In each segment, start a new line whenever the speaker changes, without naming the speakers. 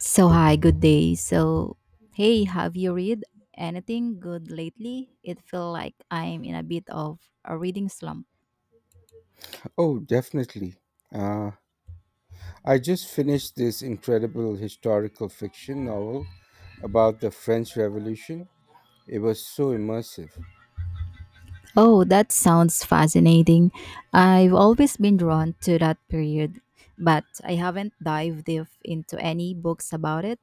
So,
Okay.
hi, good day. Hey, have you read anything good lately? It feel like I'm in a bit of a reading slump.
Oh, definitely. Uh, I just finished this incredible historical fiction novel about the French Revolution. It was so immersive.
Oh, that sounds fascinating. I've always been drawn to that period, but I haven't dived deep into any books about it.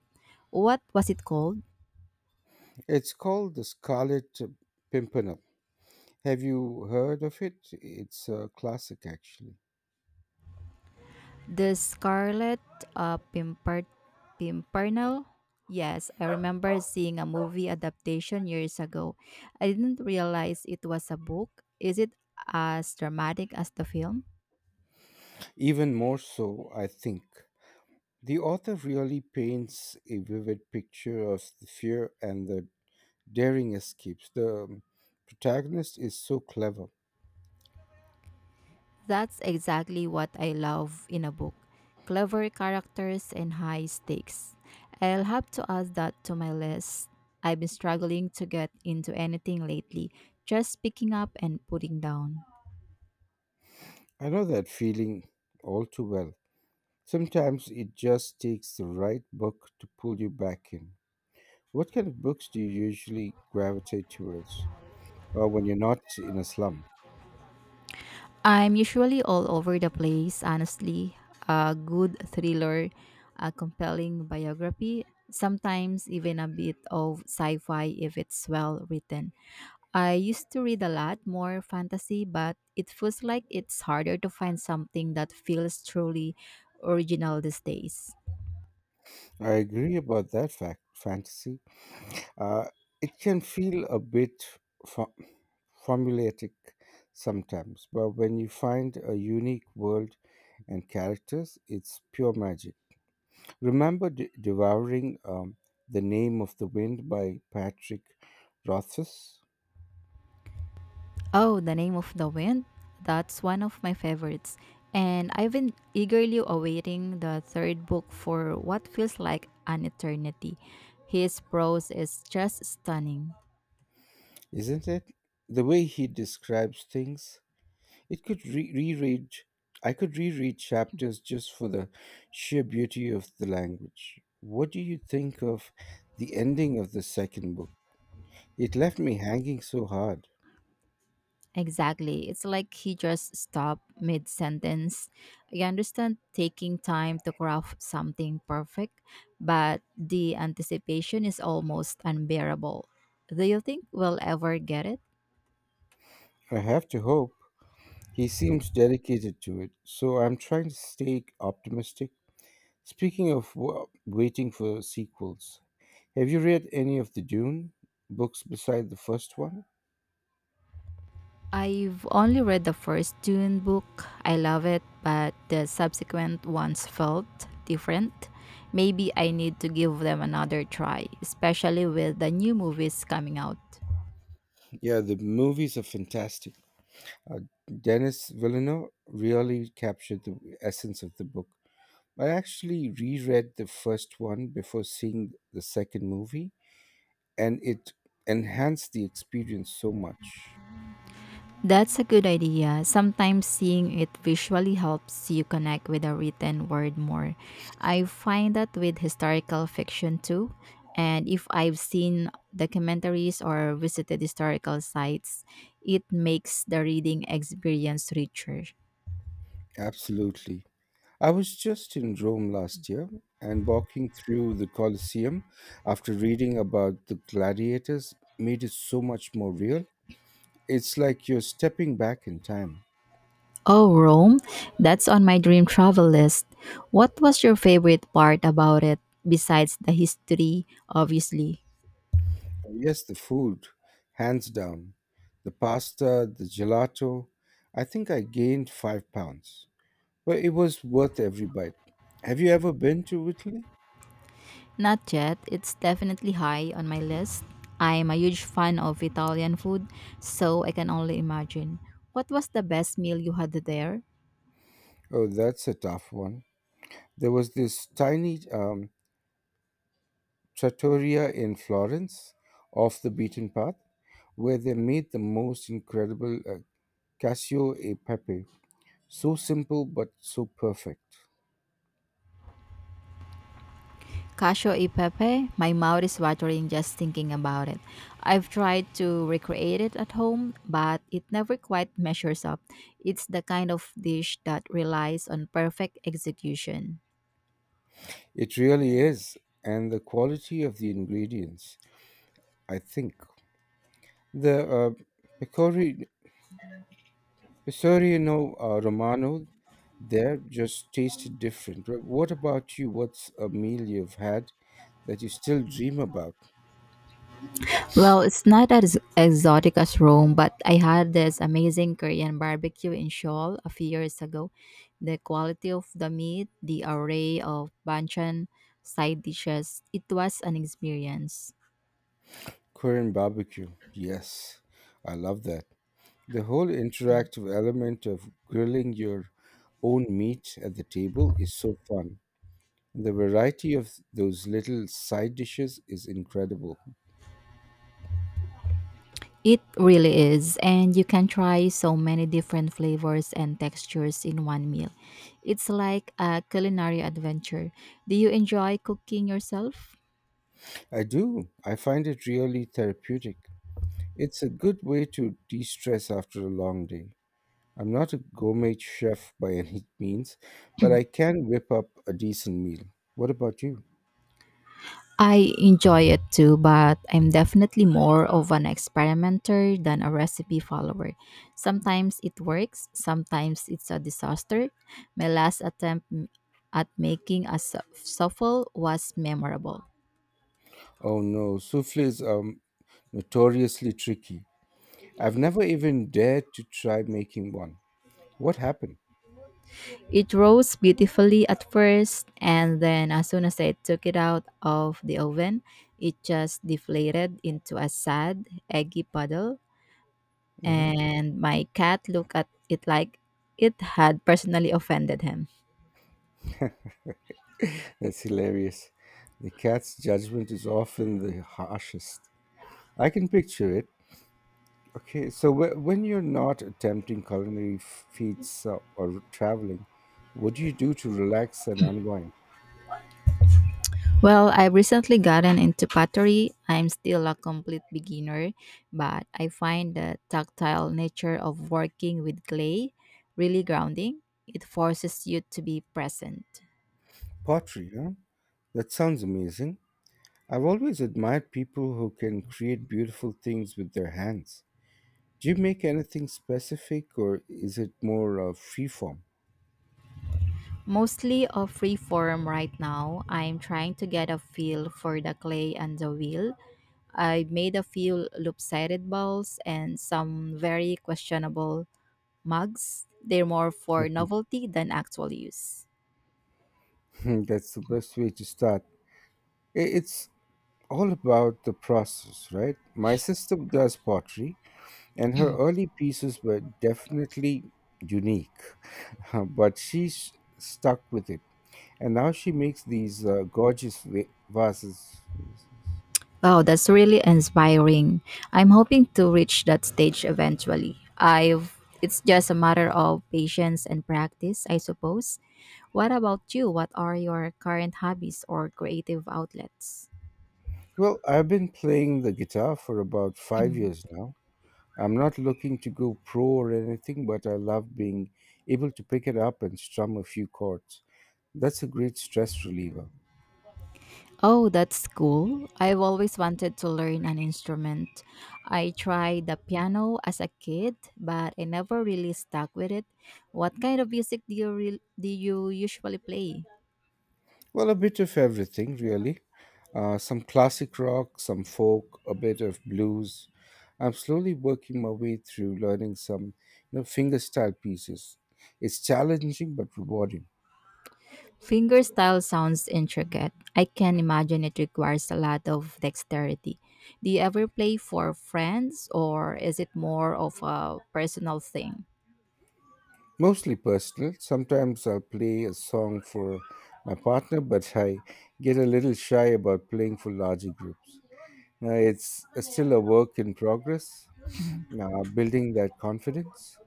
What was it called?
It's called The Scarlet Pimpernel. Have you heard of it? It's a classic, actually.
The Scarlet uh, Pimpert- Pimpernel? Yes, I remember seeing a movie adaptation years ago. I didn't realize it was a book. Is it as dramatic as the film?
Even more so, I think. The author really paints a vivid picture of the fear and the daring escapes. The protagonist is so clever.
That's exactly what I love in a book, clever characters and high stakes. I'll have to add that to my list. I've been struggling to get into anything lately, just picking up and putting down.
I know that feeling all too well. Sometimes it just takes the right book to pull you back in. What kind of books do you usually gravitate towards when you're not in a slump?
I'm usually all over the place, honestly. A good thriller, a compelling biography, sometimes even a bit of sci fi if it's well written. I used to read a lot more fantasy, but it feels like it's harder to find something that feels truly original these days.
I agree about that fact, fantasy. Uh, it can feel a bit fo- formulaic sometimes, but when you find a unique world and characters, it's pure magic. Remember devouring The Name of the Wind by Patrick Rothfuss?
Oh, The Name of the Wind? That's one of my favorites. And I've been eagerly awaiting the third book for what feels like an eternity. His prose is just stunning.
Isn't it? The way he describes things, it could re- reread. I could reread chapters just for the sheer beauty of the language. What do you think of the ending of the second book? It left me hanging so hard.
Exactly. It's like he just stopped mid sentence. I understand taking time to craft something perfect, but the anticipation is almost unbearable. Do you think we'll ever get it?
I have to hope he seems dedicated to it, so I'm trying to stay optimistic. Speaking of wa waiting for sequels, have you read any of the Dune books beside the first one?
I've only read the first Dune book. I love it, but the subsequent ones felt different. Maybe I need to give them another try, especially with the new movies coming out.
Yeah, the movies are fantastic. Uh, Dennis Villeneuve really captured the essence of the book. I actually reread the first one before seeing the second movie, and it enhanced the experience so much.
That's a good idea. Sometimes seeing it visually helps you connect with a written word more. I find that with historical fiction too. And if I've seen documentaries or visited historical sites, it makes the reading experience richer.
Absolutely. I was just in Rome last year and walking through the Colosseum after reading about the gladiators made it so much more real. It's like you're stepping back in time.
Oh, Rome? That's on my dream travel list. What was your favorite part about it, besides the history, obviously?
Yes, the food, hands down. The pasta, the gelato. I think I gained 5 pounds, but it was worth every bite. Have you ever been to Italy?
Not yet. It's definitely high on my list. I'm a huge fan of Italian food, so I can only imagine. What was the best meal you had there?
Oh, that's a tough one. There was this tiny trattoria in Florence, off the beaten path, where they made the most incredible cassio e pepe. So simple, but so perfect.
Casio e Pepe, my mouth is watering just thinking about it. I've tried to recreate it at home, but it never quite measures up. It's the kind of dish that relies on perfect execution.
It really is, and the quality of the ingredients, I think. The Pecorino, Pecorino Romano there just tasted different. What about you? What's a meal you've had that you still dream about?
Well, it's not as exotic as Rome, but I had this amazing Korean barbecue in Seoul a few years ago. The quality of the meat, the array of banchan side dishes, it was an experience.
Korean barbecue. Yes, I love that. The whole interactive element of grilling your own meat at the table is so fun. The variety of those little side dishes is incredible.
It really is, and you can try so many different flavors and textures in one meal. It's like a culinary adventure. Do you enjoy cooking yourself?
I do. I find it really therapeutic. It's a good way to de stress after a long day. I'm not a gourmet chef by any means, but I can whip up a decent meal. What about you?
I enjoy it too, but I'm definitely more of an experimenter than a recipe follower. Sometimes it works, sometimes it's a disaster. My last attempt at making a souffle was memorable.
Oh no, souffles are notoriously tricky. I've never even dared to try making one. What happened?
It rose beautifully at first, and then as soon as I took it out of the oven, it just deflated into a sad, eggy puddle.
Hmm.
And my cat looked at it like it had personally offended him.
That's hilarious. The cat's judgment is often the harshest. I can picture it. Okay, so when you're not attempting culinary feats or traveling, what do you do to relax and unwind?
Well, I've recently gotten into pottery. I'm still a complete beginner, but I find the tactile nature of working with clay really grounding. It forces you to be present.
Pottery, huh? That sounds amazing. I've always admired people who can create beautiful things with their hands. Do you make anything specific or is it more freeform?
Mostly a free form right now. I'm trying to get a feel for the clay and the wheel. I made a few lopsided balls and some very questionable mugs. They're more for novelty than actual use.
Hmm, that's the best way to start. It's all about the process, right? My sister does pottery, and her early pieces were definitely unique, but stuck with it. And now she makes these gorgeous vases.
Wow, that's really inspiring. I'm hoping to reach that stage eventually. I've It's just a matter of patience and practice, I suppose. What about you? What are your current hobbies or creative outlets?
Well, I've been playing the guitar for about 5 years now. I'm not looking to go pro or anything, but I love being able to pick it up and strum a few chords. That's a great stress reliever.
Oh, that's cool. I've always wanted to learn an instrument. I tried the piano as a kid, but I never really stuck with it. What kind of music do you usually play?
Well, a bit of everything, really. Some classic rock, some folk, a bit of blues. I'm slowly working my way through learning some, you know, fingerstyle pieces. It's challenging but rewarding.
Fingerstyle sounds intricate. I can imagine it requires a lot of dexterity. Do you ever play for friends or is it more of a personal thing?
Mostly personal. Sometimes I'll play a song for my partner, but I get a little shy about playing for larger groups. It's still a work in progress, building that confidence.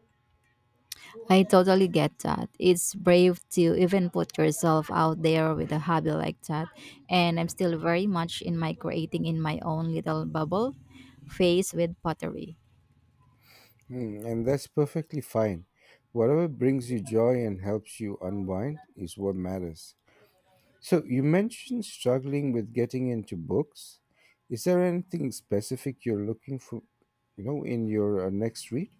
I totally get that. It's brave to even put yourself out there with a hobby like that. And I'm still very much in my creating in my own little bubble phase with pottery.
Hmm, and that's perfectly fine. Whatever brings you joy and helps you unwind is what matters. So, you mentioned struggling with getting into books. Is there anything specific you're looking for, you know, in your next read?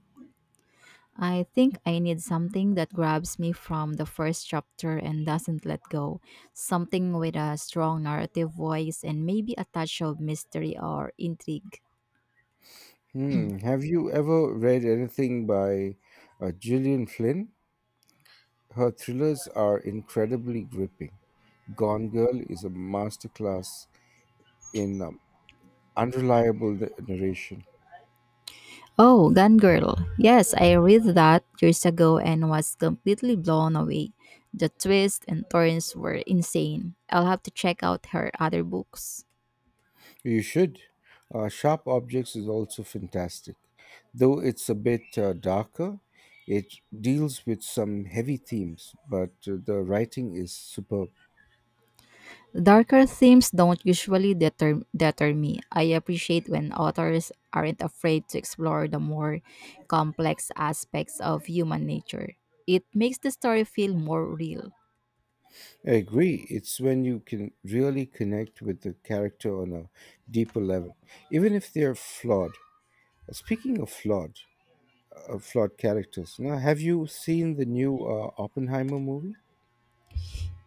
I think I need something that grabs me from the first chapter and doesn't let go. Something with a strong narrative voice and maybe a touch of mystery or intrigue.
Hmm. Have you ever read anything by Gillian Flynn? Her thrillers are incredibly gripping. Gone Girl is a masterclass in unreliable narration.
Oh, Gone Girl. Yes, I read that years ago and was completely blown away. The twists and turns were insane. I'll have to check out her other books.
You should. Sharp Objects is also fantastic. Though it's a bit darker, it deals with some heavy themes, but the writing is superb.
Darker themes don't usually deter me. I appreciate when authors aren't afraid to explore the more complex aspects of human nature. It makes the story feel more real.
I agree. It's when you can really connect with the character on a deeper level, even if they're flawed. Speaking of flawed characters, now have you seen the new Oppenheimer movie?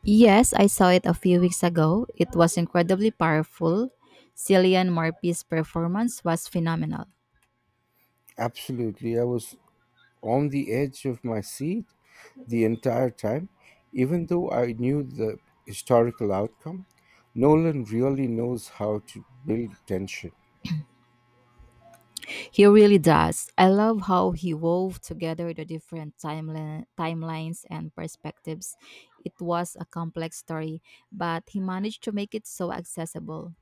Yes, I saw it a few weeks ago. It was incredibly powerful. Cillian Murphy's performance was phenomenal.
Absolutely. I was on the edge of my seat the entire time, even though I knew the historical outcome. Nolan really knows how to build tension.
He really does. I love how he wove together the different timelines and perspectives. It was a complex story, but he managed to make it so accessible.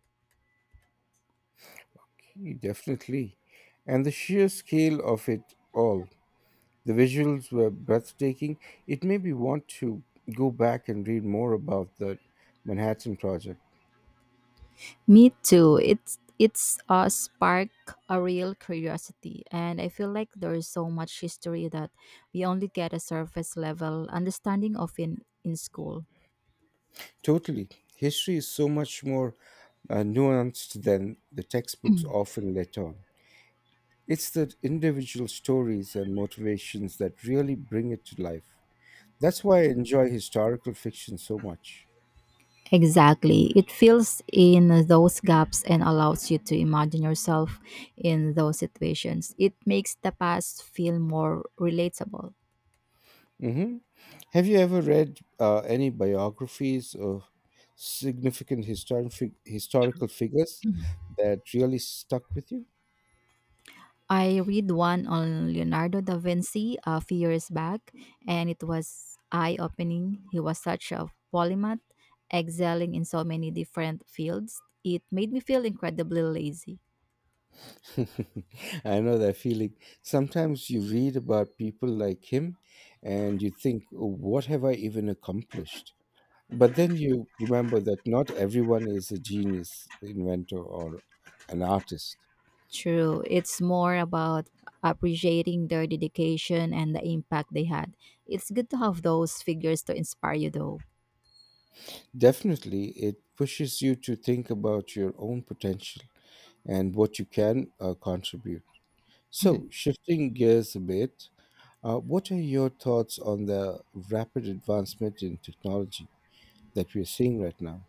He definitely. And the sheer scale of it all. The visuals were breathtaking. It made me want to go back and read more about the Manhattan Project.
Me too. It's sparked a real curiosity, and I feel like there is so much history that we only get a surface level understanding of in school.
Totally. History is so much more nuanced than the textbooks often let on. It's the individual stories and motivations that really bring it to life. That's why I enjoy historical fiction so much.
Exactly. It fills in those gaps and allows you to imagine yourself in those situations. It makes the past feel more relatable.
Hmm. Have you ever read any biographies of significant historical figures that really stuck with you?
I read one on Leonardo da Vinci a few years back, and it was eye opening. He was such a polymath, excelling in so many different fields. It made me feel incredibly lazy.
I know that feeling. Sometimes you read about people like him and you think, "Oh, what have I even accomplished? But then you remember that not everyone is a genius, inventor, or an artist.
True. It's more about appreciating their dedication and the impact they had. It's good to have those figures to inspire you, though.
Definitely, it pushes you to think about your own potential and what you can contribute. So, shifting gears a bit, what are your thoughts on the rapid advancement in technology that we are seeing right now?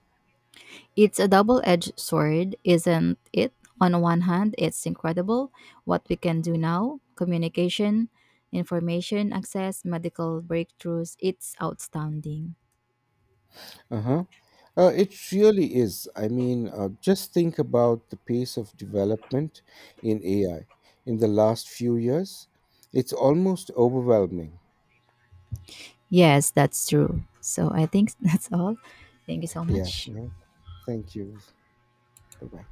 It's a double edged sword, isn't it? On one hand, it's incredible what we can do now, communication, information access, medical breakthroughs. It's outstanding.
Uh-huh. It really is. I mean, just think about the pace of development in AI in the last few years. It's almost overwhelming.
Yes, that's true. So I think that's all. Thank you so
Yeah,
much.
yeah. Thank you. Bye-bye.